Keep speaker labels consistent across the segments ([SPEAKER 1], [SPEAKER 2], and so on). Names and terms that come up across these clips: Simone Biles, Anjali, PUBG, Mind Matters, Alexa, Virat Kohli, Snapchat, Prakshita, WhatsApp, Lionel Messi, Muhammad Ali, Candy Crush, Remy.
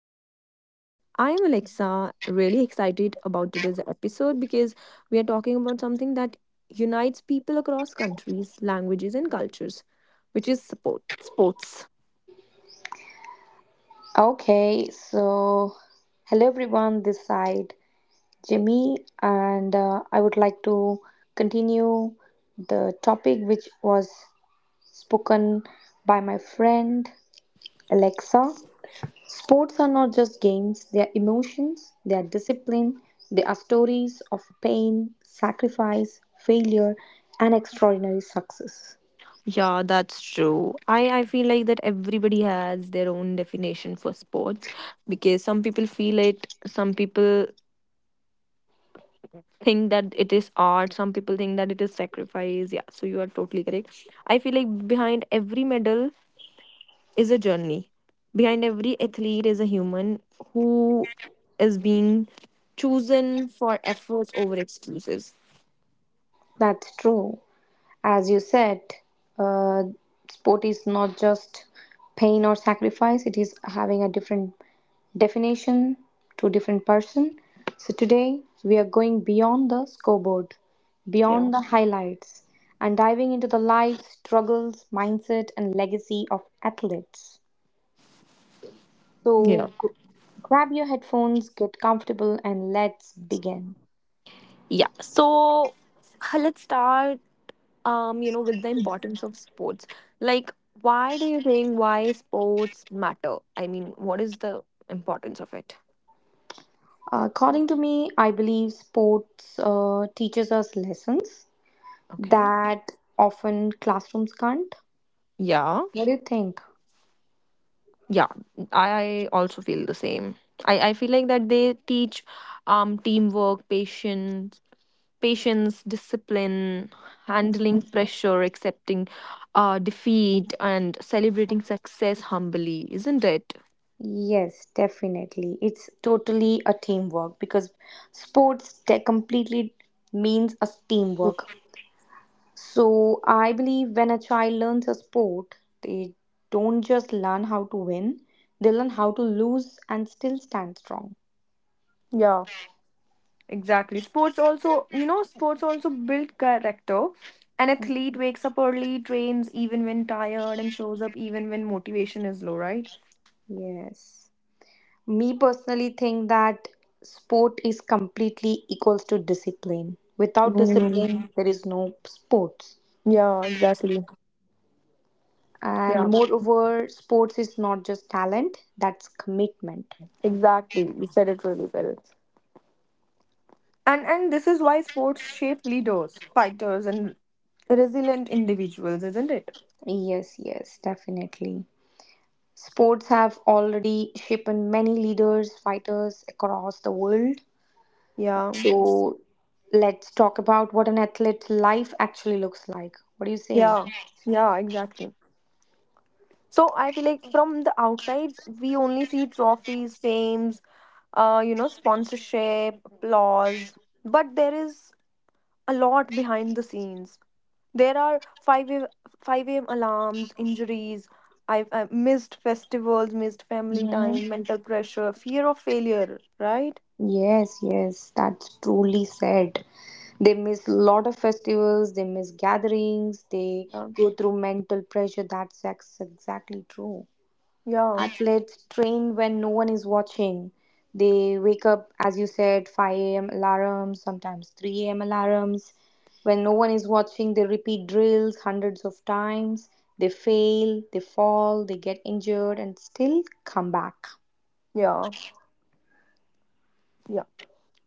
[SPEAKER 1] podcast. I am Alexa, really excited about today's episode because we are talking about something that unites people across countries, languages, and cultures, which is sports.
[SPEAKER 2] Okay, so hello everyone, this side Jimmy, and I would like to continue the topic which was spoken by my friend Alexa. Sports are not just games, they are emotions, they are discipline, they are stories of pain, sacrifice, failure, and extraordinary success.
[SPEAKER 1] Yeah, that's true. I feel like that everybody has their own definition for sports because some people feel it, some people think that it is art, some people think that it is sacrifice. Yeah, so you are totally correct. I feel like behind every medal is a journey. Behind every athlete is a human who is being chosen for efforts over excuses.
[SPEAKER 2] That's true. As you said, uh, sport is not just pain or sacrifice, it is having a different definition to different person. So today we are going beyond the scoreboard,
[SPEAKER 1] Yeah.
[SPEAKER 2] beyond the highlights, and diving into the lives, struggles, mindset, and legacy of athletes.
[SPEAKER 1] Yeah.
[SPEAKER 2] So g- Grab your headphones, get comfortable, and let's begin.
[SPEAKER 1] Yeah. So let's start with the importance of sports. Like, why do you think why sports matter? I mean, what is the importance of it?
[SPEAKER 2] According to me, I believe sports teaches us lessons
[SPEAKER 1] Okay.
[SPEAKER 2] that often classrooms can't.
[SPEAKER 1] Yeah.
[SPEAKER 2] What do you think?
[SPEAKER 1] Yeah. I also feel the same. I feel like that they teach teamwork, patience, discipline, handling pressure, accepting defeat, and celebrating success humbly, isn't it?
[SPEAKER 2] Yes, definitely. It's totally a teamwork because completely means a teamwork. So I believe when a child learns a sport, they don't just learn how to win, they learn how to lose and still stand strong.
[SPEAKER 1] Yeah, exactly. Sports also build character. An athlete wakes up early, trains even when tired, and shows up even when motivation is low, right?
[SPEAKER 2] Yes. Me personally think that sport is completely equals to discipline. Without
[SPEAKER 1] Mm.
[SPEAKER 2] discipline, there is no sports.
[SPEAKER 1] Yeah, exactly. Yeah,
[SPEAKER 2] And moreover, sports is not just talent, that's commitment.
[SPEAKER 1] exactly. You said it really well. And this is why sports shape leaders, fighters, and resilient individuals, isn't it?
[SPEAKER 2] Yes, yes, definitely. Sports have already shaped many leaders, fighters across the world.
[SPEAKER 1] Yeah.
[SPEAKER 2] So let's talk about what an athlete's life actually looks like. What do you say?
[SPEAKER 1] Yeah, yeah, exactly. So I feel like from the outside, we only see trophies, fames, sponsorship, applause. But there is a lot behind the scenes. There are 5 a.m. alarms, injuries, I missed festivals, missed family
[SPEAKER 2] Mhm.
[SPEAKER 1] time, mental pressure, fear of failure, right?
[SPEAKER 2] Yes, yes, that's truly said. They miss a lot of festivals, they miss gatherings, they
[SPEAKER 1] Yeah.
[SPEAKER 2] go through mental pressure. Exactly true.
[SPEAKER 1] Yeah,
[SPEAKER 2] Athletes train when no one is watching. They wake up, as you said, 5 a.m. alarms, sometimes 3 a.m. alarms. When no one is watching, they repeat drills hundreds of times. They fail, they fall, they get injured, and still come back.
[SPEAKER 1] yeah, yeah.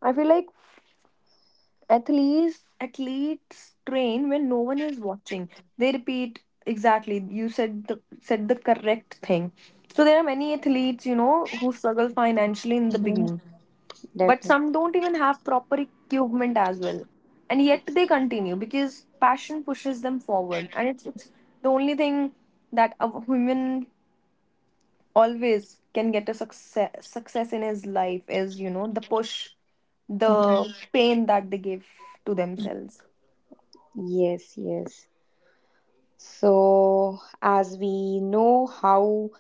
[SPEAKER 1] I feel like athletes athletes train when no one is watching. They repeat. Exactly, you said the correct thing. So there are many athletes, you know, who struggle financially in the beginning, but
[SPEAKER 2] Definitely.
[SPEAKER 1] some don't even have proper equipment as well, and yet they continue because passion pushes them forward, and it's the only thing that a woman always can get a success in his life is, you know, the push, the
[SPEAKER 2] Mhm.
[SPEAKER 1] pain that they give to themselves.
[SPEAKER 2] Yes, yes. So, as we know how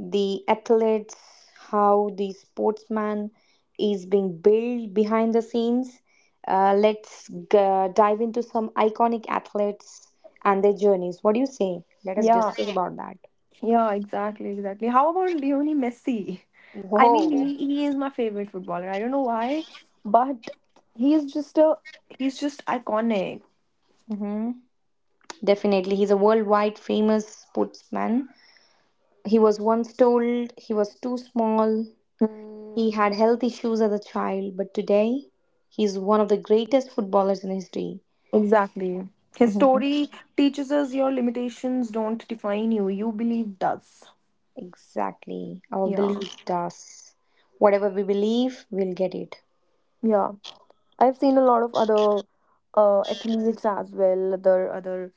[SPEAKER 2] the athletes, how the sportsman is being built behind the scenes, uh, let's dive into some iconic athletes and their journeys. What do you say? Let us
[SPEAKER 1] Yeah,
[SPEAKER 2] discuss about that.
[SPEAKER 1] yeah, exactly, exactly. How about Lionel Messi? I mean,
[SPEAKER 2] Whoa.
[SPEAKER 1] he is my favorite footballer. I don't know why, but he is just a he's just iconic.
[SPEAKER 2] Hmm. Definitely. He's a worldwide famous sportsman. He was once told he was too small. He
[SPEAKER 1] Mm,
[SPEAKER 2] had health issues as a child, but today he is one of the greatest footballers in history.
[SPEAKER 1] exactly. His
[SPEAKER 2] Mhm.
[SPEAKER 1] story teaches us your limitations don't define you. You believe does.
[SPEAKER 2] Exactly. Our
[SPEAKER 1] Yeah,
[SPEAKER 2] belief does. Whatever we believe, we'll get it.
[SPEAKER 1] yeah. I've seen a lot of other athletes as well, other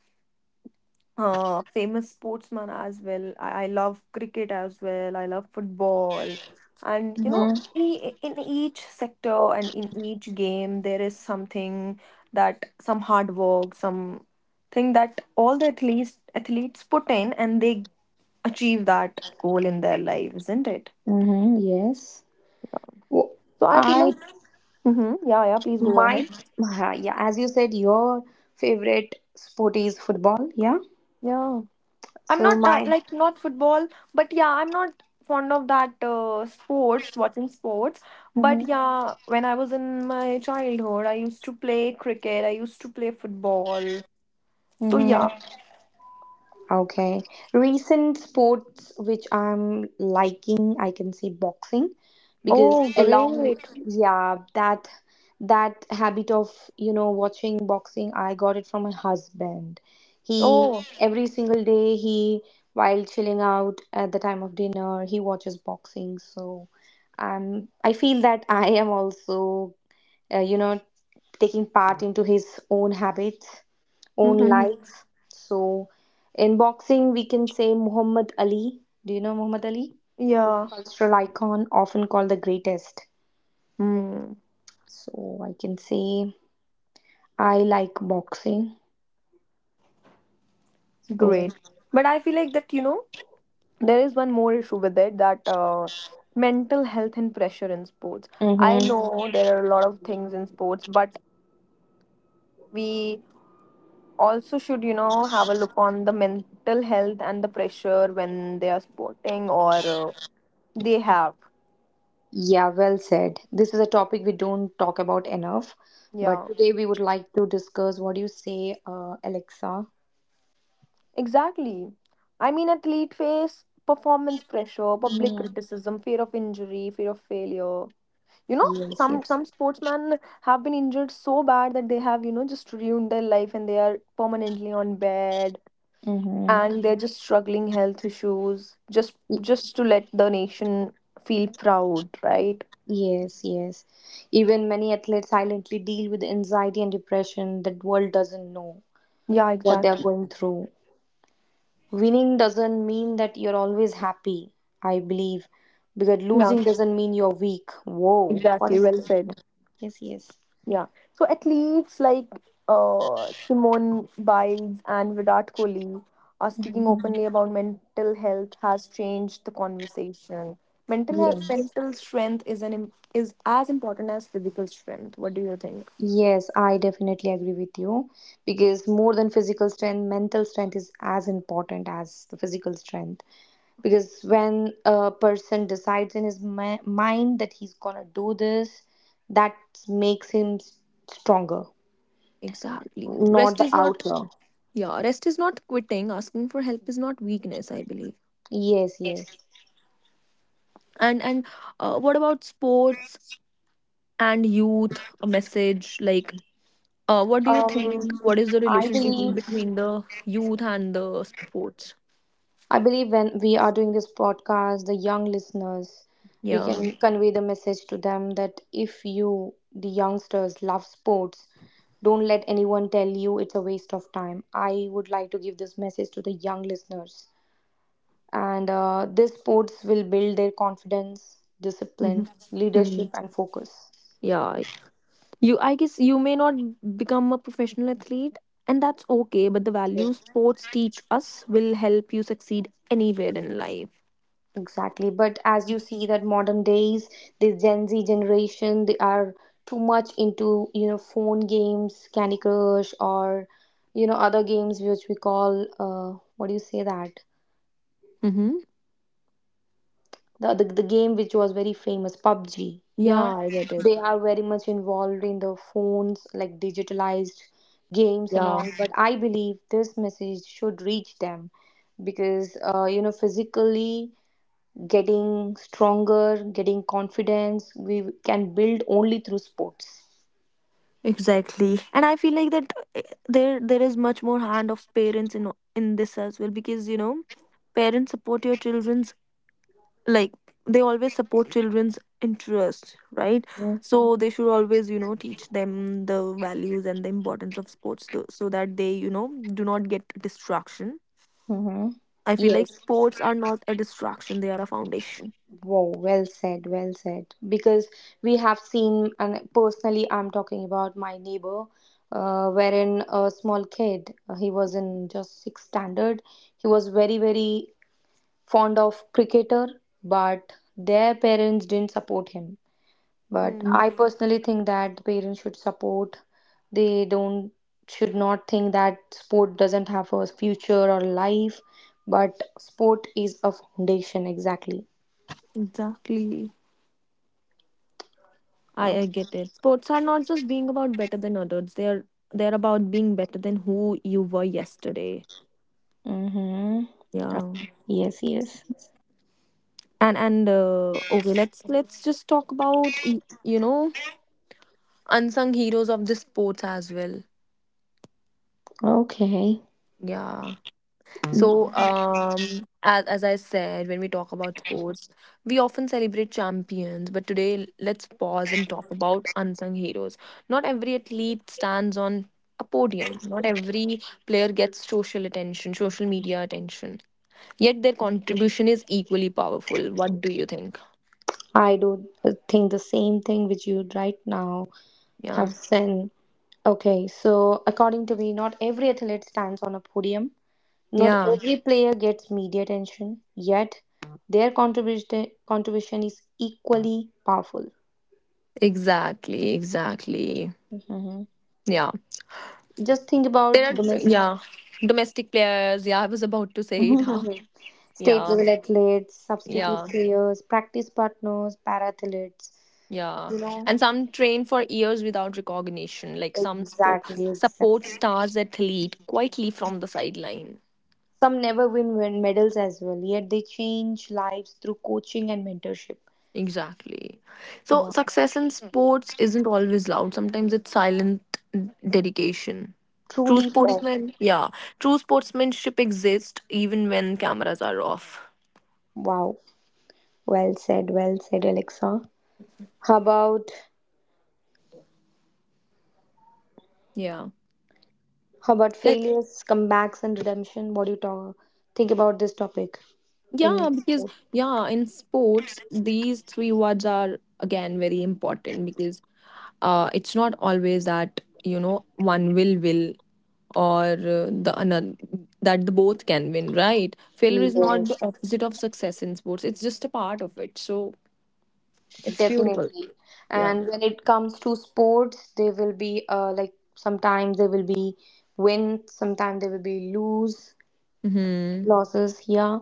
[SPEAKER 1] famous sportsman as well. I love cricket as well. I love football. And, you know,
[SPEAKER 2] Mhm.
[SPEAKER 1] in each sector and in each game, there is something that some hard work, some thing that all the athletes put in, and they achieve that goal in their life, isn't it?
[SPEAKER 2] Mhm. Yes. Wo-
[SPEAKER 1] So I feel
[SPEAKER 2] I
[SPEAKER 1] like, mm-hmm, yeah, yeah. Please go ahead.
[SPEAKER 2] might, yeah, as you said, your favorite sport is football, yeah?
[SPEAKER 1] Yeah. I'm
[SPEAKER 2] So
[SPEAKER 1] not
[SPEAKER 2] my,
[SPEAKER 1] like not football, but yeah, I'm not fond of that sports, watching sports. But yeah, when I was in my childhood, I used to play cricket, I used to play football. So
[SPEAKER 2] Mhm.
[SPEAKER 1] yeah.
[SPEAKER 2] Okay. Recent sports which I'm liking, I can say boxing, because
[SPEAKER 1] Oh,
[SPEAKER 2] along,
[SPEAKER 1] great.
[SPEAKER 2] yeah, that habit of, watching boxing, I got it from my husband. He
[SPEAKER 1] Oh,
[SPEAKER 2] Every single day he while chilling out at the time of dinner, he watches boxing. So, I feel that I am also uh, you know taking part into his own habits, own
[SPEAKER 1] hmm,
[SPEAKER 2] likes. So in boxing we can say Muhammad Ali. Do you know Muhammad Ali?
[SPEAKER 1] yeah.
[SPEAKER 2] Cultural icon, often called the greatest.
[SPEAKER 1] Hmm.
[SPEAKER 2] So I can say I like boxing. So
[SPEAKER 1] Great. But I feel like that, you know, there is one more issue with it, that mental health and pressure in sports.
[SPEAKER 2] mhm.
[SPEAKER 1] I know there are a lot of things in sports, but we also should, you know, have a look on the mental health and the pressure when they are sporting, or they have
[SPEAKER 2] Yeah, well said, this is a topic we don't talk about enough, but
[SPEAKER 1] yeah,
[SPEAKER 2] today we would like to discuss. What do you say, Alexa?
[SPEAKER 1] exactly. I mean, athlete face performance pressure, public
[SPEAKER 2] Mm.
[SPEAKER 1] criticism, fear of injury, fear of failure. You know,
[SPEAKER 2] Yes, yes.
[SPEAKER 1] some sportsmen have been injured so bad that they have, you know, just ruined their life, and they are permanently on bed,
[SPEAKER 2] Mm-hmm.
[SPEAKER 1] and they're just struggling health issues, just to let the nation feel proud, right?
[SPEAKER 2] Yes, yes. Even many athletes silently deal with anxiety and depression that world doesn't know
[SPEAKER 1] Yeah,
[SPEAKER 2] what they are
[SPEAKER 1] exactly.
[SPEAKER 2] going through. Winning doesn't mean that you're always happy, I believe, because
[SPEAKER 1] Yeah.
[SPEAKER 2] losing doesn't mean you're weak. Whoa, what
[SPEAKER 1] Exactly,
[SPEAKER 2] is
[SPEAKER 1] well
[SPEAKER 2] this?
[SPEAKER 1] said.
[SPEAKER 2] Yes, yes.
[SPEAKER 1] Yeah. So athletes like Simone Biles and Virat Kohli are speaking
[SPEAKER 2] Mhm.
[SPEAKER 1] openly about mental health has changed the conversation. Mental health,
[SPEAKER 2] Yes.
[SPEAKER 1] mental strength is an is as important as physical strength. What do you think?
[SPEAKER 2] Yes, I definitely agree with you because more than physical strength, mental strength is as important as the physical strength. Because when a person decides in his mind that he's gonna do this, that makes him stronger,
[SPEAKER 1] Exactly.
[SPEAKER 2] not
[SPEAKER 1] Rest
[SPEAKER 2] the
[SPEAKER 1] is not.
[SPEAKER 2] outer.
[SPEAKER 1] Yeah, rest is not quitting. Asking for help is not weakness, I believe.
[SPEAKER 2] Yes, yes.
[SPEAKER 1] And what about sports and youth? A message like What do you
[SPEAKER 2] um
[SPEAKER 1] think? What is the
[SPEAKER 2] i
[SPEAKER 1] relationship
[SPEAKER 2] believe
[SPEAKER 1] between the youth and the sports?
[SPEAKER 2] I believe when we are doing this podcast, the young listeners, we
[SPEAKER 1] Yeah.
[SPEAKER 2] can convey the message to them that if you the youngsters love sports, don't let anyone tell you it's a waste of time. I would like to give this message to the young listeners, and these sports will build their confidence,
[SPEAKER 1] Mhm.
[SPEAKER 2] discipline, leadership
[SPEAKER 1] Mhm.
[SPEAKER 2] and focus.
[SPEAKER 1] Yeah. I guess you may not become a professional athlete, and that's okay, but the values sports teach us will help you succeed anywhere in life.
[SPEAKER 2] Exactly. But as you see that modern days, the Gen Z generation, they are too much into, you know, phone games, Candy Crush, or, you know, other games which we call, what do you say, that
[SPEAKER 1] Mm-hmm.
[SPEAKER 2] the game which was very famous, PUBG,
[SPEAKER 1] Yeah,
[SPEAKER 2] yeah.
[SPEAKER 1] I get it.
[SPEAKER 2] They are very much involved in the phones, like digitalized games and
[SPEAKER 1] Yeah.
[SPEAKER 2] all, but I believe this message should reach them because, you know, physically getting stronger, getting confidence, we can build only through sports.
[SPEAKER 1] Exactly. And I feel like that there is much more hand of parents in this as well, because, you know, parents support your children, like, they always support children's interest, right? So they should always, you know, teach them the values and the importance of sports, so that they, you know, do not get distraction.
[SPEAKER 2] Mm-hmm.
[SPEAKER 1] I feel like
[SPEAKER 2] Yes.
[SPEAKER 1] sports are not a distraction, they are a foundation.
[SPEAKER 2] Wow, well said, well said. Because we have seen, and personally, I'm talking about my neighbor, wherein a small kid, he was in just sixth standard. He was very, very fond of cricketer, but their parents didn't support him. But
[SPEAKER 1] Mm,
[SPEAKER 2] I personally think that the parents should support. They don't Should not think that sport doesn't have a future or life, but sport is a foundation, exactly.
[SPEAKER 1] exactly. I,
[SPEAKER 2] Uh,
[SPEAKER 1] I get it. Sports are not just being about better than others. They're about being better than who you were yesterday.
[SPEAKER 2] mm-hmm.
[SPEAKER 1] Yeah.
[SPEAKER 2] Yes, yes.
[SPEAKER 1] And okay, let's just talk about you know, unsung heroes of the sports as well.
[SPEAKER 2] Okay.
[SPEAKER 1] Yeah.
[SPEAKER 2] Mm.
[SPEAKER 1] So, as I said, when we talk about sports, we often celebrate champions, but today let's pause and talk about unsung heroes. Not every athlete stands on a podium, not every player gets social attention, social media attention, yet their contribution is equally powerful. What do you think?
[SPEAKER 2] I do think the same thing which you right now have
[SPEAKER 1] Yeah,
[SPEAKER 2] said. Okay, so according to me, not every athlete stands on a podium. Not
[SPEAKER 1] yeah,
[SPEAKER 2] every player gets media attention, yet their contribution is equally powerful.
[SPEAKER 1] exactly, exactly.
[SPEAKER 2] Hmm.
[SPEAKER 1] Yeah,
[SPEAKER 2] Just think about
[SPEAKER 1] there are,
[SPEAKER 2] domestic
[SPEAKER 1] yeah, domestic players. Yeah, I was about to say it. Huh?
[SPEAKER 2] state
[SPEAKER 1] Yeah,
[SPEAKER 2] level athletes, substitute
[SPEAKER 1] yeah.
[SPEAKER 2] players, practice partners, para athletes.
[SPEAKER 1] Yeah,
[SPEAKER 2] You know,
[SPEAKER 1] and some train for years without recognition, like some sport
[SPEAKER 2] exactly,
[SPEAKER 1] support
[SPEAKER 2] exactly.
[SPEAKER 1] stars that lead quietly from the sideline.
[SPEAKER 2] Some never win medals as well, yet they change lives through coaching and mentorship.
[SPEAKER 1] Exactly. So
[SPEAKER 2] Wow.
[SPEAKER 1] success in sports isn't always loud. Sometimes it's silent dedication. True
[SPEAKER 2] Truly fair.
[SPEAKER 1] sportsmen, yeah, true sportsmanship exists even when cameras are off.
[SPEAKER 2] Wow. Well said, Alexa. How about
[SPEAKER 1] Yeah. Let.
[SPEAKER 2] failures, comebacks and redemption? What do you talk think about this topic
[SPEAKER 1] Yeah,
[SPEAKER 2] in
[SPEAKER 1] because
[SPEAKER 2] sports?
[SPEAKER 1] yeah, in sports, these three words are again very important, because it's not always that, you know, one will or the another that the both can win, right? Failure is not the
[SPEAKER 2] Yes,
[SPEAKER 1] opposite of success in sports; it's just a part of it. So it's beautiful.
[SPEAKER 2] definitely.
[SPEAKER 1] Yeah.
[SPEAKER 2] And when it comes to sports, they will be, like, sometimes they will be win, sometimes they will be lose,
[SPEAKER 1] Hmm.
[SPEAKER 2] losses, yeah.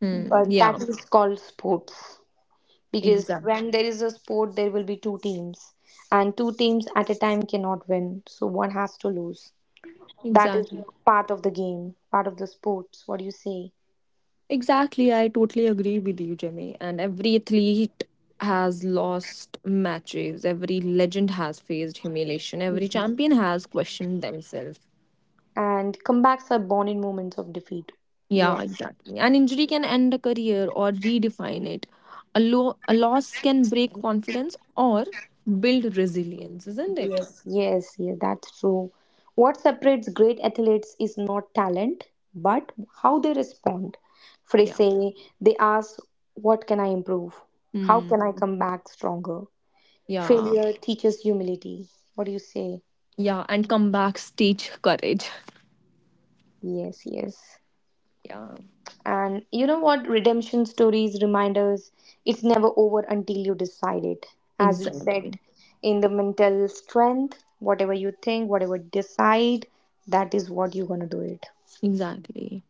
[SPEAKER 1] Hmm.
[SPEAKER 2] But
[SPEAKER 1] Yeah.
[SPEAKER 2] that is called sports. Because
[SPEAKER 1] Exactly.
[SPEAKER 2] when there is a sport there will be two teams, and two teams at a time cannot win, so one has to lose. That is
[SPEAKER 1] Exactly.
[SPEAKER 2] the part of the game, part of the sports, what do you say.
[SPEAKER 1] Exactly, I totally agree with you, Jimmy. And every athlete has lost matches, every legend has faced humiliation, every champion has questioned themselves.
[SPEAKER 2] And comebacks are born in moments of defeat.
[SPEAKER 1] Yeah,
[SPEAKER 2] Yes,
[SPEAKER 1] exactly. An injury can end a career or redefine it. A loss can break confidence or build resilience, isn't it?
[SPEAKER 2] yes. Yes, that's true. What separates great athletes is not talent, but how they respond. For they
[SPEAKER 1] Yeah.
[SPEAKER 2] say, they ask, what can I improve? How
[SPEAKER 1] Hmm.
[SPEAKER 2] can I come back stronger?
[SPEAKER 1] Yeah.
[SPEAKER 2] Failure teaches humility, what do you say?
[SPEAKER 1] Yeah. And come back, stage courage.
[SPEAKER 2] Yes, yes.
[SPEAKER 1] Yeah.
[SPEAKER 2] And you know what? Redemption stories remind us it's never over until you decide it. As you said,
[SPEAKER 1] Exactly.
[SPEAKER 2] in the mental strength, whatever you think, whatever you decide, that is what you're gonna do it.
[SPEAKER 1] Exactly.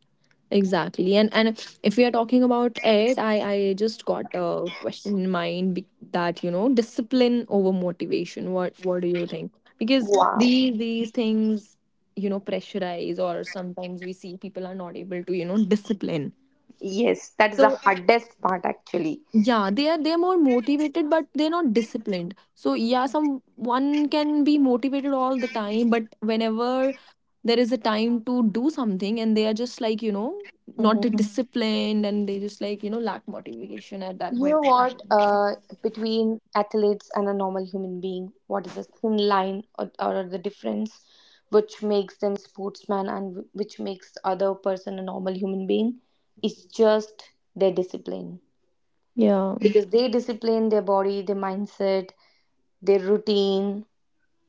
[SPEAKER 1] Exactly. And if we are talking about it, I just got a question in mind, that you know, discipline over motivation. What do you think? Because
[SPEAKER 2] Wow.
[SPEAKER 1] these things, you know, pressurize, or sometimes we see people are not able to, you know, discipline.
[SPEAKER 2] Yes, that is the
[SPEAKER 1] So
[SPEAKER 2] hardest part actually.
[SPEAKER 1] yeah, they're more motivated but they're not disciplined. So yeah, some one can be motivated all the time, but whenever there is a time to do something, and they are just like, you know, not the disciplined, and they just like, you know, lack motivation at that
[SPEAKER 2] You
[SPEAKER 1] point
[SPEAKER 2] know
[SPEAKER 1] of
[SPEAKER 2] what?
[SPEAKER 1] time.
[SPEAKER 2] Between athletes and a normal human being, what is a thin line, or the difference which makes them sportsman and which makes the other person a normal human being, is just their discipline.
[SPEAKER 1] Yeah,
[SPEAKER 2] Because they discipline their body, their mindset, their routine.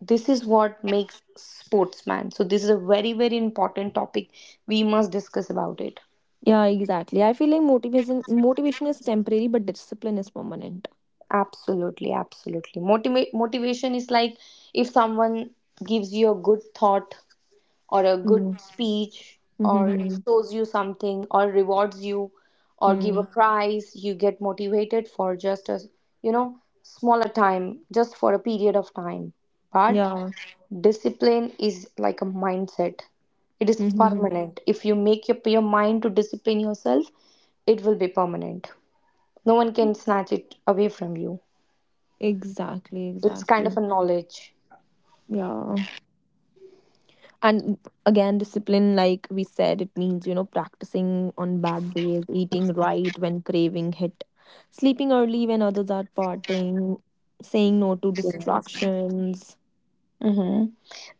[SPEAKER 2] This is what makes sportsman. So this is a very, very important topic. We must discuss about it.
[SPEAKER 1] yeah, exactly. I feel like motivation is temporary but discipline is permanent.
[SPEAKER 2] Absolutely, absolutely. Motivation is like, if someone gives you a good thought or a good
[SPEAKER 1] Yeah.
[SPEAKER 2] speech or
[SPEAKER 1] Mm-hmm.
[SPEAKER 2] shows you something or rewards you or give a prize, you get motivated for just a, you know, smaller time, just for a period of time. But
[SPEAKER 1] Yeah.
[SPEAKER 2] discipline is like a mindset. It is
[SPEAKER 1] Mm-hmm.
[SPEAKER 2] permanent. If you make up your mind to discipline yourself, it will be permanent. No one can snatch it away from you.
[SPEAKER 1] Exactly,
[SPEAKER 2] It's kind of a
[SPEAKER 1] exactly.
[SPEAKER 2] knowledge.
[SPEAKER 1] Yeah. And again, discipline, like we said, it means, you know, practicing on bad days, eating right when craving hit, sleeping early when others are partying, saying no to
[SPEAKER 2] Yes.
[SPEAKER 1] distractions.
[SPEAKER 2] Hmm.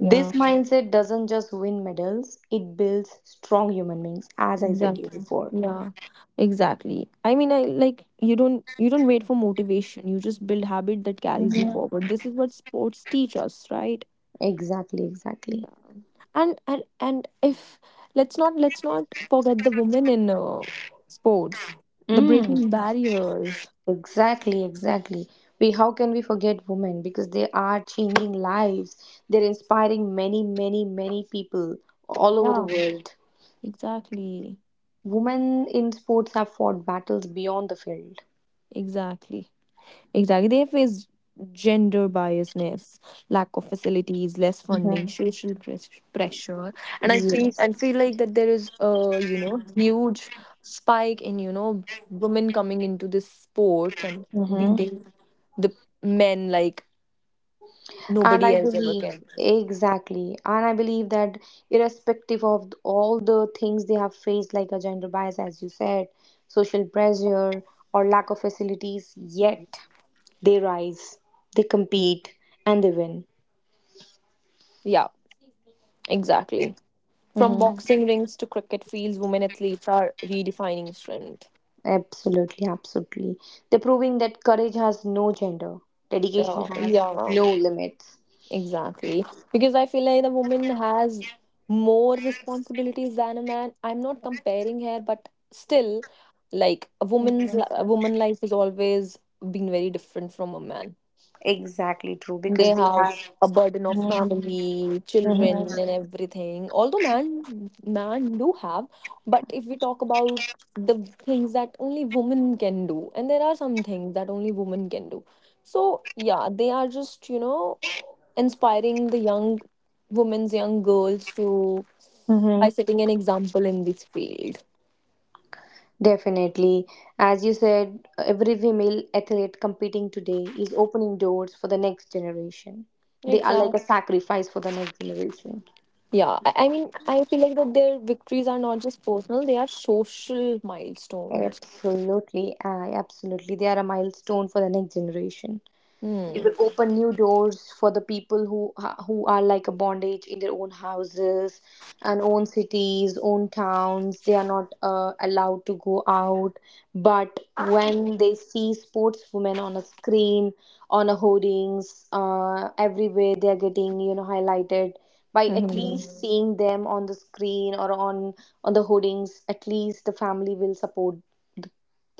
[SPEAKER 1] Yeah,
[SPEAKER 2] mindset doesn't just win medals, it builds strong human beings, as I said you
[SPEAKER 1] exactly.
[SPEAKER 2] before.
[SPEAKER 1] Yeah, exactly. I mean, I like you don't wait for motivation, you just build habit that carries you
[SPEAKER 2] Mhm.
[SPEAKER 1] forward. This is what sports teach us, right?
[SPEAKER 2] Exactly, exactly.
[SPEAKER 1] Yeah. And if, let's not forget the women in sports, the
[SPEAKER 2] Mm,
[SPEAKER 1] breaking barriers.
[SPEAKER 2] exactly, exactly. We, how can we forget women, because they are changing lives, they're inspiring many, many, many people all over the
[SPEAKER 1] Yeah,
[SPEAKER 2] world.
[SPEAKER 1] exactly,
[SPEAKER 2] Women in sports have fought battles beyond the field.
[SPEAKER 1] exactly, exactly. They face gender biasness, lack of facilities, less funding,
[SPEAKER 2] Mhm.
[SPEAKER 1] social pressure, and I feel
[SPEAKER 2] Yes.
[SPEAKER 1] I feel like that there is a, you know, huge spike in, you know, women coming into this sport and
[SPEAKER 2] Mhm.
[SPEAKER 1] beating the men like
[SPEAKER 2] And I
[SPEAKER 1] nobody else ever
[SPEAKER 2] believe,
[SPEAKER 1] can.
[SPEAKER 2] exactly. And I believe that irrespective of all the things they have faced, like a gender bias, as you said, social pressure, or lack of facilities, yet they rise, they compete, and they win.
[SPEAKER 1] Yeah, exactly. From
[SPEAKER 2] Hmm.
[SPEAKER 1] boxing rings to cricket fields, women athletes are redefining strength.
[SPEAKER 2] Absolutely, absolutely. They're proving that courage has no gender, dedication has
[SPEAKER 1] Yeah,
[SPEAKER 2] no limits.
[SPEAKER 1] exactly. Because I feel like the woman has more responsibilities than a man. I'm not comparing her, but still, like a woman's
[SPEAKER 2] Mhm.
[SPEAKER 1] a woman life has always been very different from a man.
[SPEAKER 2] Exactly true,
[SPEAKER 1] They
[SPEAKER 2] because they
[SPEAKER 1] have
[SPEAKER 2] have.
[SPEAKER 1] a burden of family, children, and everything. Although man do have, but if we talk about the things that only women can do, and there are some things that only women can do. So yeah, they are just, you know, inspiring the young women's young girls to by
[SPEAKER 2] Hmm.
[SPEAKER 1] setting an example in this field.
[SPEAKER 2] Definitely. As you said, every female athlete competing today is opening doors for the next generation. They are like
[SPEAKER 1] Exactly.
[SPEAKER 2] a sacrifice for the next generation.
[SPEAKER 1] Yeah, I mean, I feel like that their victories are not just personal; they are social milestones.
[SPEAKER 2] Absolutely. I absolutely. They are a milestone for the next generation. It
[SPEAKER 1] Hmm.
[SPEAKER 2] will open new doors for the people who who are like a bondage in their own houses and own cities, own towns. They are not allowed to go out, but when they see sportswomen on a screen, on a hoardings, everywhere, they are getting, you know, highlighted by at
[SPEAKER 1] Mm-hmm.
[SPEAKER 2] least mhm. seeing them on the screen or on the hoardings, at least the family will support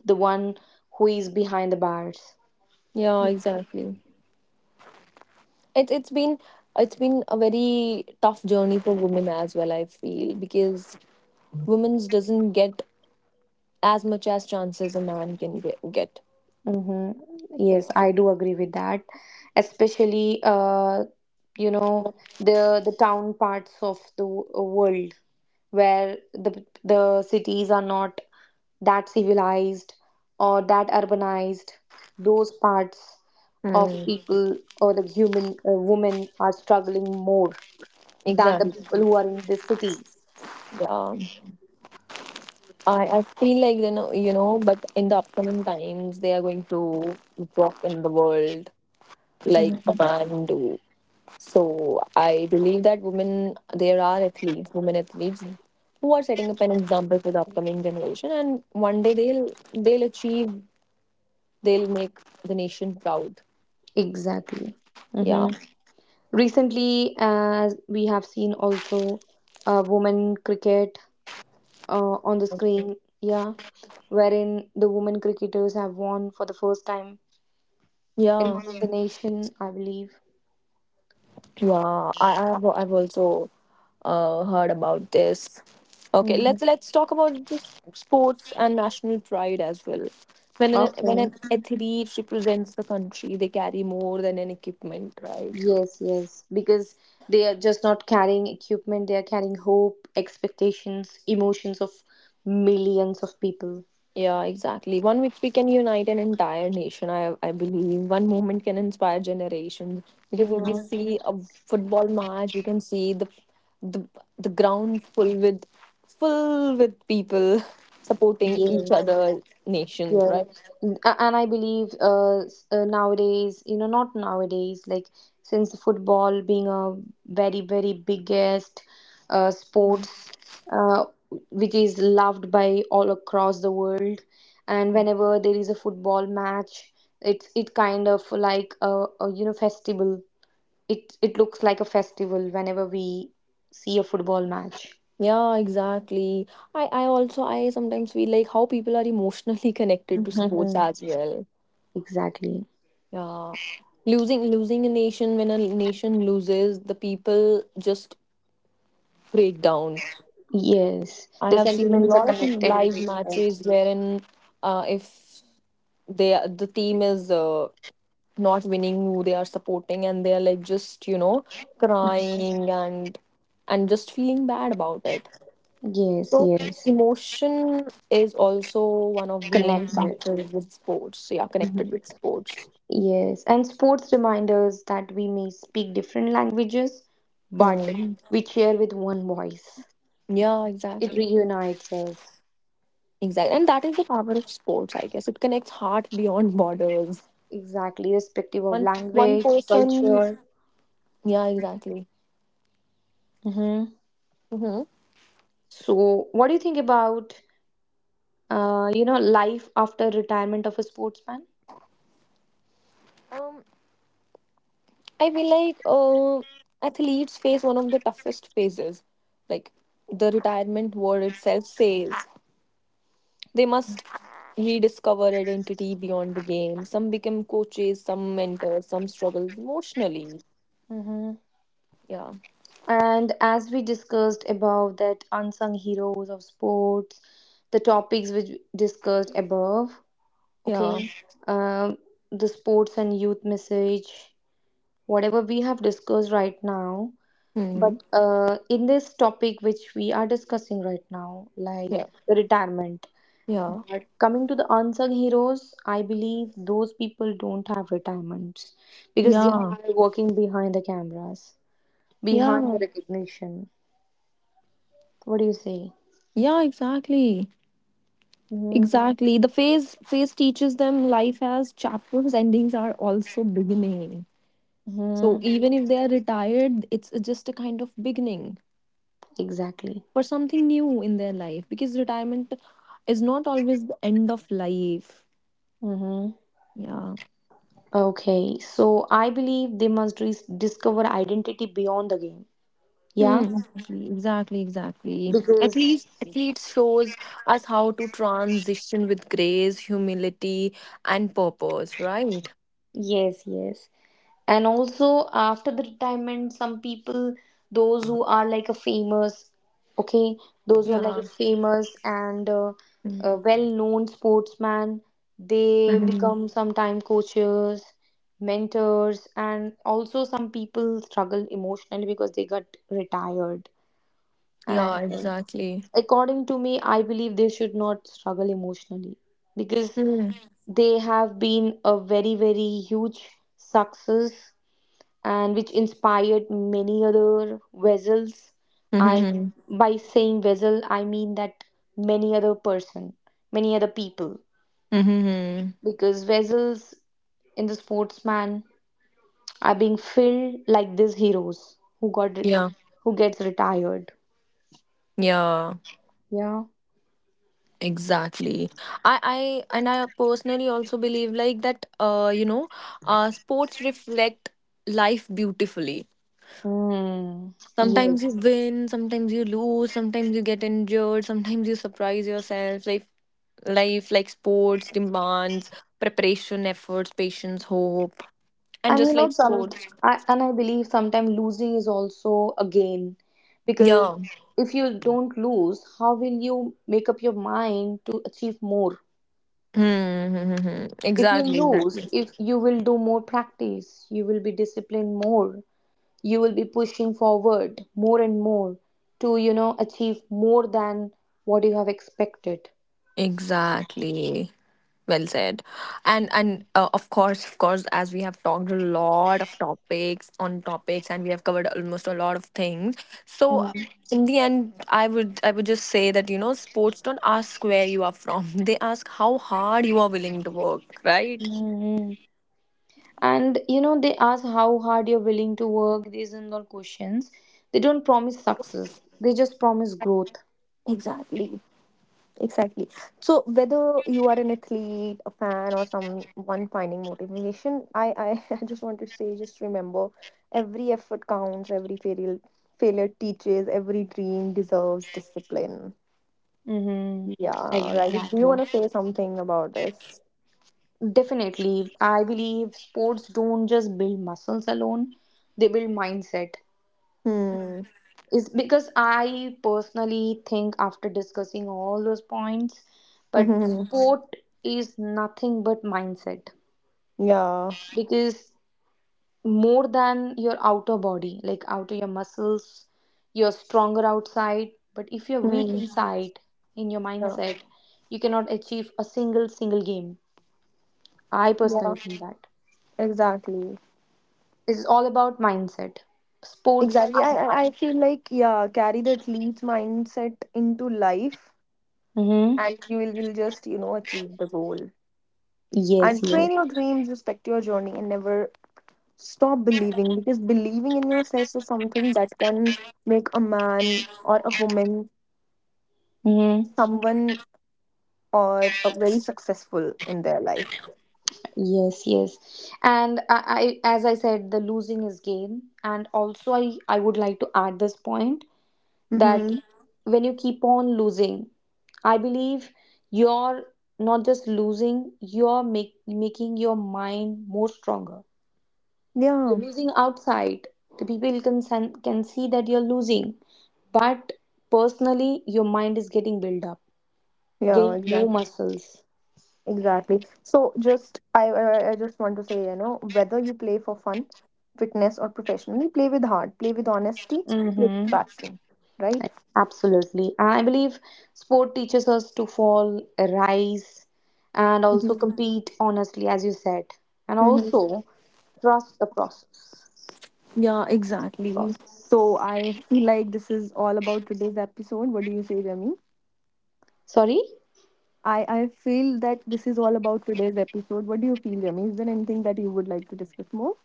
[SPEAKER 2] the one who is behind the bars.
[SPEAKER 1] Yeah, exactly. It it's been it's been a very tough journey for women as well, I feel, because women's doesn't get as much as chances a man can get.
[SPEAKER 2] Mm-hmm. Yes,
[SPEAKER 1] Yeah.
[SPEAKER 2] I do agree with that. Especially, you know, the town parts of the world, where the cities are not that civilized or that urbanized. Those parts of mhm.
[SPEAKER 1] Mm,
[SPEAKER 2] people or the human women are struggling more than the
[SPEAKER 1] exactly.
[SPEAKER 2] people who are in the cities.
[SPEAKER 1] Yeah. I feel like but in the upcoming times they are going to walk in the world like a
[SPEAKER 2] Mhm.
[SPEAKER 1] man do. So I believe that women, there are athletes, women athletes, who are setting up an example for the upcoming generation, and one day they'll achieve, they'll make the nation proud.
[SPEAKER 2] Exactly.
[SPEAKER 1] Yeah,
[SPEAKER 2] Mm-hmm. Recently, as we have seen also women cricket on the screen, yeah, wherein the women cricketers have won for the first time in
[SPEAKER 1] yeah,
[SPEAKER 2] one of the nation, I believe.
[SPEAKER 1] yeah. I've also heard about this. Okay,
[SPEAKER 2] Mhm.
[SPEAKER 1] let's talk about this sports and national pride as well. When an
[SPEAKER 2] Okay.
[SPEAKER 1] athlete represents the country, they carry more than an equipment, right?
[SPEAKER 2] Yes, yes, because they are just not carrying equipment, they are carrying hope, expectations, emotions of millions of people.
[SPEAKER 1] Yeah, exactly. One week we can unite an entire nation. I believe one moment can inspire generations because if we
[SPEAKER 2] Mm-hmm.
[SPEAKER 1] see a football match, you can see the the ground full with people supporting each
[SPEAKER 2] Yes,
[SPEAKER 1] other nations,
[SPEAKER 2] yes.
[SPEAKER 1] right?
[SPEAKER 2] And I believe nowadays, not nowadays, like since football being a very, very biggest
[SPEAKER 1] Mhm.
[SPEAKER 2] sports, uh, which is loved by all across the world, and whenever there is a football match, it kind of like a festival. It looks like a festival whenever we see a football match.
[SPEAKER 1] Yeah, exactly. I also I sometimes feel like how people are emotionally connected to sports
[SPEAKER 2] Mhm.
[SPEAKER 1] as well.
[SPEAKER 2] Exactly.
[SPEAKER 1] Yeah. Losing a nation when a nation loses, the people just breakdown.
[SPEAKER 2] Yes,
[SPEAKER 1] I
[SPEAKER 2] the
[SPEAKER 1] have seen a
[SPEAKER 2] sentiments are
[SPEAKER 1] lot of
[SPEAKER 2] connected with
[SPEAKER 1] live
[SPEAKER 2] the sport.
[SPEAKER 1] matches wherein if the team is not winning who they are supporting and they are like just crying and just feeling bad about it.
[SPEAKER 2] Yes,
[SPEAKER 1] So
[SPEAKER 2] yes.
[SPEAKER 1] emotion is also one of the main
[SPEAKER 2] Connect with.
[SPEAKER 1] factors with sports. So yeah, connected
[SPEAKER 2] Mhm.
[SPEAKER 1] with sports.
[SPEAKER 2] Yes, and sports reminders that we may speak different languages, but
[SPEAKER 1] Hmm.
[SPEAKER 2] we cheer with one voice.
[SPEAKER 1] Yeah,
[SPEAKER 2] It
[SPEAKER 1] exactly.
[SPEAKER 2] reunites us.
[SPEAKER 1] Exactly. And that is the power of sports, I guess. It connects heart beyond borders.
[SPEAKER 2] Exactly, respective of
[SPEAKER 1] One one
[SPEAKER 2] language,
[SPEAKER 1] person
[SPEAKER 2] culture.
[SPEAKER 1] Yeah, exactly.
[SPEAKER 2] Hmm.
[SPEAKER 1] Hmm.
[SPEAKER 2] So, what do you think about, life after retirement of a sportsman?
[SPEAKER 1] Um, I feel like athletes face one of the toughest phases. Like the retirement word itself says, they must rediscover identity beyond the game. Some become coaches, some mentors, some struggle emotionally.
[SPEAKER 2] Mm-hmm.
[SPEAKER 1] Yeah,
[SPEAKER 2] And as we discussed about that unsung heroes of sports, the topics which we discussed above,
[SPEAKER 1] yeah,
[SPEAKER 2] okay, um, the sports and youth message whatever we have discussed right now,
[SPEAKER 1] hmm
[SPEAKER 2] but in this topic which we are discussing right now, like
[SPEAKER 1] yeah,
[SPEAKER 2] the retirement,
[SPEAKER 1] yeah,
[SPEAKER 2] but coming to the unsung heroes, I believe those people don't have retirements because they
[SPEAKER 1] yeah,
[SPEAKER 2] are working behind the cameras, behind the
[SPEAKER 1] yeah,
[SPEAKER 2] recognition. What do you say?
[SPEAKER 1] yeah. Exactly,
[SPEAKER 2] Mm-hmm.
[SPEAKER 1] exactly. The phase teaches them life has chapters, endings are also beginning. So
[SPEAKER 2] Mm-hmm.
[SPEAKER 1] even if they are retired, it's just a kind of beginning
[SPEAKER 2] Exactly.
[SPEAKER 1] for something new in their life because retirement is not always the end of life.
[SPEAKER 2] Mm-hmm.
[SPEAKER 1] Yeah.
[SPEAKER 2] Okay, so I believe they must discover identity beyond the game.
[SPEAKER 1] Hmm.
[SPEAKER 2] Yeah,
[SPEAKER 1] Exactly, exactly, exactly.
[SPEAKER 2] because
[SPEAKER 1] At least shows us how to transition with grace, humility, and purpose, right?
[SPEAKER 2] yes, yes. And also after the retirement, some people, those who are like a famous, okay, those who are like
[SPEAKER 1] Yeah.
[SPEAKER 2] a famous and
[SPEAKER 1] Mm.
[SPEAKER 2] well-known sportsman, they
[SPEAKER 1] Mhm.
[SPEAKER 2] become sometime coaches, mentors, and also some people struggle emotionally because they got retired.
[SPEAKER 1] Yeah,
[SPEAKER 2] And
[SPEAKER 1] exactly.
[SPEAKER 2] according to me, I believe they should not struggle emotionally because
[SPEAKER 1] Mm.
[SPEAKER 2] they have been a very, very huge success and which inspired many other vessels. I
[SPEAKER 1] Mhm.
[SPEAKER 2] By saying vessel, I mean that many other person, many other people,
[SPEAKER 1] Mhm.
[SPEAKER 2] because vessels in the sportsman are being filled like these heroes who got
[SPEAKER 1] Yeah.
[SPEAKER 2] who gets retired.
[SPEAKER 1] Yeah.
[SPEAKER 2] Yeah.
[SPEAKER 1] Exactly. I personally also believe like that sports reflect life beautifully.
[SPEAKER 2] Mm. Yes.
[SPEAKER 1] Sometimes you win, sometimes you lose, sometimes you get injured, sometimes you surprise yourself. Life like sports demands preparation, efforts, patience, hope. And
[SPEAKER 2] And you
[SPEAKER 1] just
[SPEAKER 2] know,
[SPEAKER 1] like
[SPEAKER 2] some
[SPEAKER 1] sports.
[SPEAKER 2] and I believe sometimes losing is also a gain, because
[SPEAKER 1] Yeah.
[SPEAKER 2] if you don't lose, how will you make up your mind to achieve more?
[SPEAKER 1] Hmm.
[SPEAKER 2] If you
[SPEAKER 1] Exactly, exactly.
[SPEAKER 2] lose, if you will do more practice, you will be disciplined more, you will be pushing forward more and more to, you know, achieve more than what you have expected.
[SPEAKER 1] Exactly. Well said. And of course, as we have talked a lot of topics on topics, and we have covered almost a lot of things. So in the end, I would just say that sports don't ask where you are from; they ask how hard you are willing to work. Right.
[SPEAKER 2] Mm-hmm. And you know, they ask how hard you're willing to work, these and all questions. They don't promise success, they just promise growth.
[SPEAKER 1] Exactly. Exactly. So whether you are an athlete, a fan, or someone finding motivation, I just want to say, just remember, every effort counts. Every failure teaches. Every dream deserves discipline.
[SPEAKER 2] Mm-hmm.
[SPEAKER 1] Yeah. Right. Do you
[SPEAKER 2] Exactly.
[SPEAKER 1] want to say something about this?
[SPEAKER 2] Definitely, I believe sports don't just build muscles alone, they build mindset.
[SPEAKER 1] Hmm.
[SPEAKER 2] Is because I personally think after discussing all those points, but Mhm.
[SPEAKER 1] Mhm.
[SPEAKER 2] sport is nothing but mindset,
[SPEAKER 1] Yeah.
[SPEAKER 2] because more than your outer body, like outer your muscles. You're stronger outside, but if you're weak Mhm.
[SPEAKER 1] Hmm.
[SPEAKER 2] inside in your
[SPEAKER 1] Yeah.
[SPEAKER 2] mindset, you cannot achieve a single game. I
[SPEAKER 1] Yeah.
[SPEAKER 2] personally think that
[SPEAKER 1] Exactly.
[SPEAKER 2] it's all about mindset. Sports.
[SPEAKER 1] Exactly. I I I feel like yeah, carry the athlete mindset into life,
[SPEAKER 2] Mm-hmm.
[SPEAKER 1] and you will just achieve the goal.
[SPEAKER 2] Yes.
[SPEAKER 1] And
[SPEAKER 2] Yes.
[SPEAKER 1] train your dreams, respect your journey, and never stop believing because believing in yourself is something that can make a man or a woman
[SPEAKER 2] Mm-hmm.
[SPEAKER 1] someone or a very successful in their life.
[SPEAKER 2] Yes, yes. And as I said, the losing is gain. And also, I would like to add this point that
[SPEAKER 1] Mm-hmm.
[SPEAKER 2] when you keep on losing, I believe you're not just losing, you're making your mind more stronger. You're
[SPEAKER 1] Yeah,
[SPEAKER 2] losing outside. The people can, can see that you're losing, but personally, your mind is getting built up,
[SPEAKER 1] yeah,
[SPEAKER 2] getting more
[SPEAKER 1] exactly.
[SPEAKER 2] muscles.
[SPEAKER 1] Exactly. So, just I just want to say, you know, whether you play for fun, fitness, or professionally, play with heart, play with honesty, play
[SPEAKER 2] Mm-hmm.
[SPEAKER 1] with passion, right?
[SPEAKER 2] Absolutely. And I believe sport teaches us to fall, rise, and also
[SPEAKER 1] Mm-hmm.
[SPEAKER 2] compete honestly, as you said. And
[SPEAKER 1] Mm-hmm.
[SPEAKER 2] also trust the process.
[SPEAKER 1] Yeah, exactly.
[SPEAKER 2] Process.
[SPEAKER 1] So I feel like this is all about today's episode. What do you say, Remy?
[SPEAKER 2] Sorry?
[SPEAKER 1] I feel that this is all about today's episode. What do you feel, Remy? Is there anything that you would like to discuss more?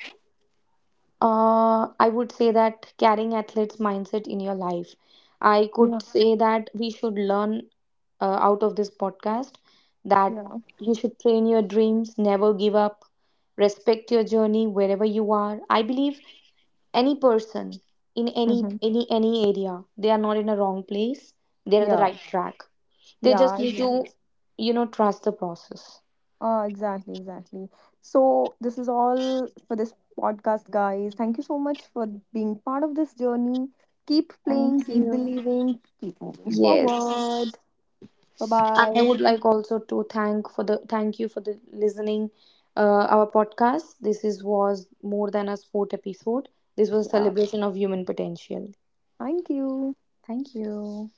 [SPEAKER 2] I would say that carrying athlete's mindset in your life. I
[SPEAKER 1] Yeah,
[SPEAKER 2] could say that we should learn out of this podcast that
[SPEAKER 1] yeah.
[SPEAKER 2] you should train your dreams, never give up, respect your journey wherever you are. I believe any person in
[SPEAKER 1] Mm-hmm.
[SPEAKER 2] any area, they are not in a wrong place, they're the
[SPEAKER 1] Yeah,
[SPEAKER 2] right track. They just
[SPEAKER 1] yeah,
[SPEAKER 2] need
[SPEAKER 1] exactly.
[SPEAKER 2] to, you know, trust the process.
[SPEAKER 1] Exactly, exactly. So this is all for this podcast, guys. Thank you so much for being part of this journey. Keep
[SPEAKER 2] Thank
[SPEAKER 1] playing, keep
[SPEAKER 2] you.
[SPEAKER 1] believing, keep moving
[SPEAKER 2] Yes.
[SPEAKER 1] forward. Bye bye.
[SPEAKER 2] And I would like also to thank for the thank you for the listening. Our podcast, this is was more than a sport episode, this was a
[SPEAKER 1] Yeah,
[SPEAKER 2] celebration of human potential.
[SPEAKER 1] thank you.
[SPEAKER 2] Thank you.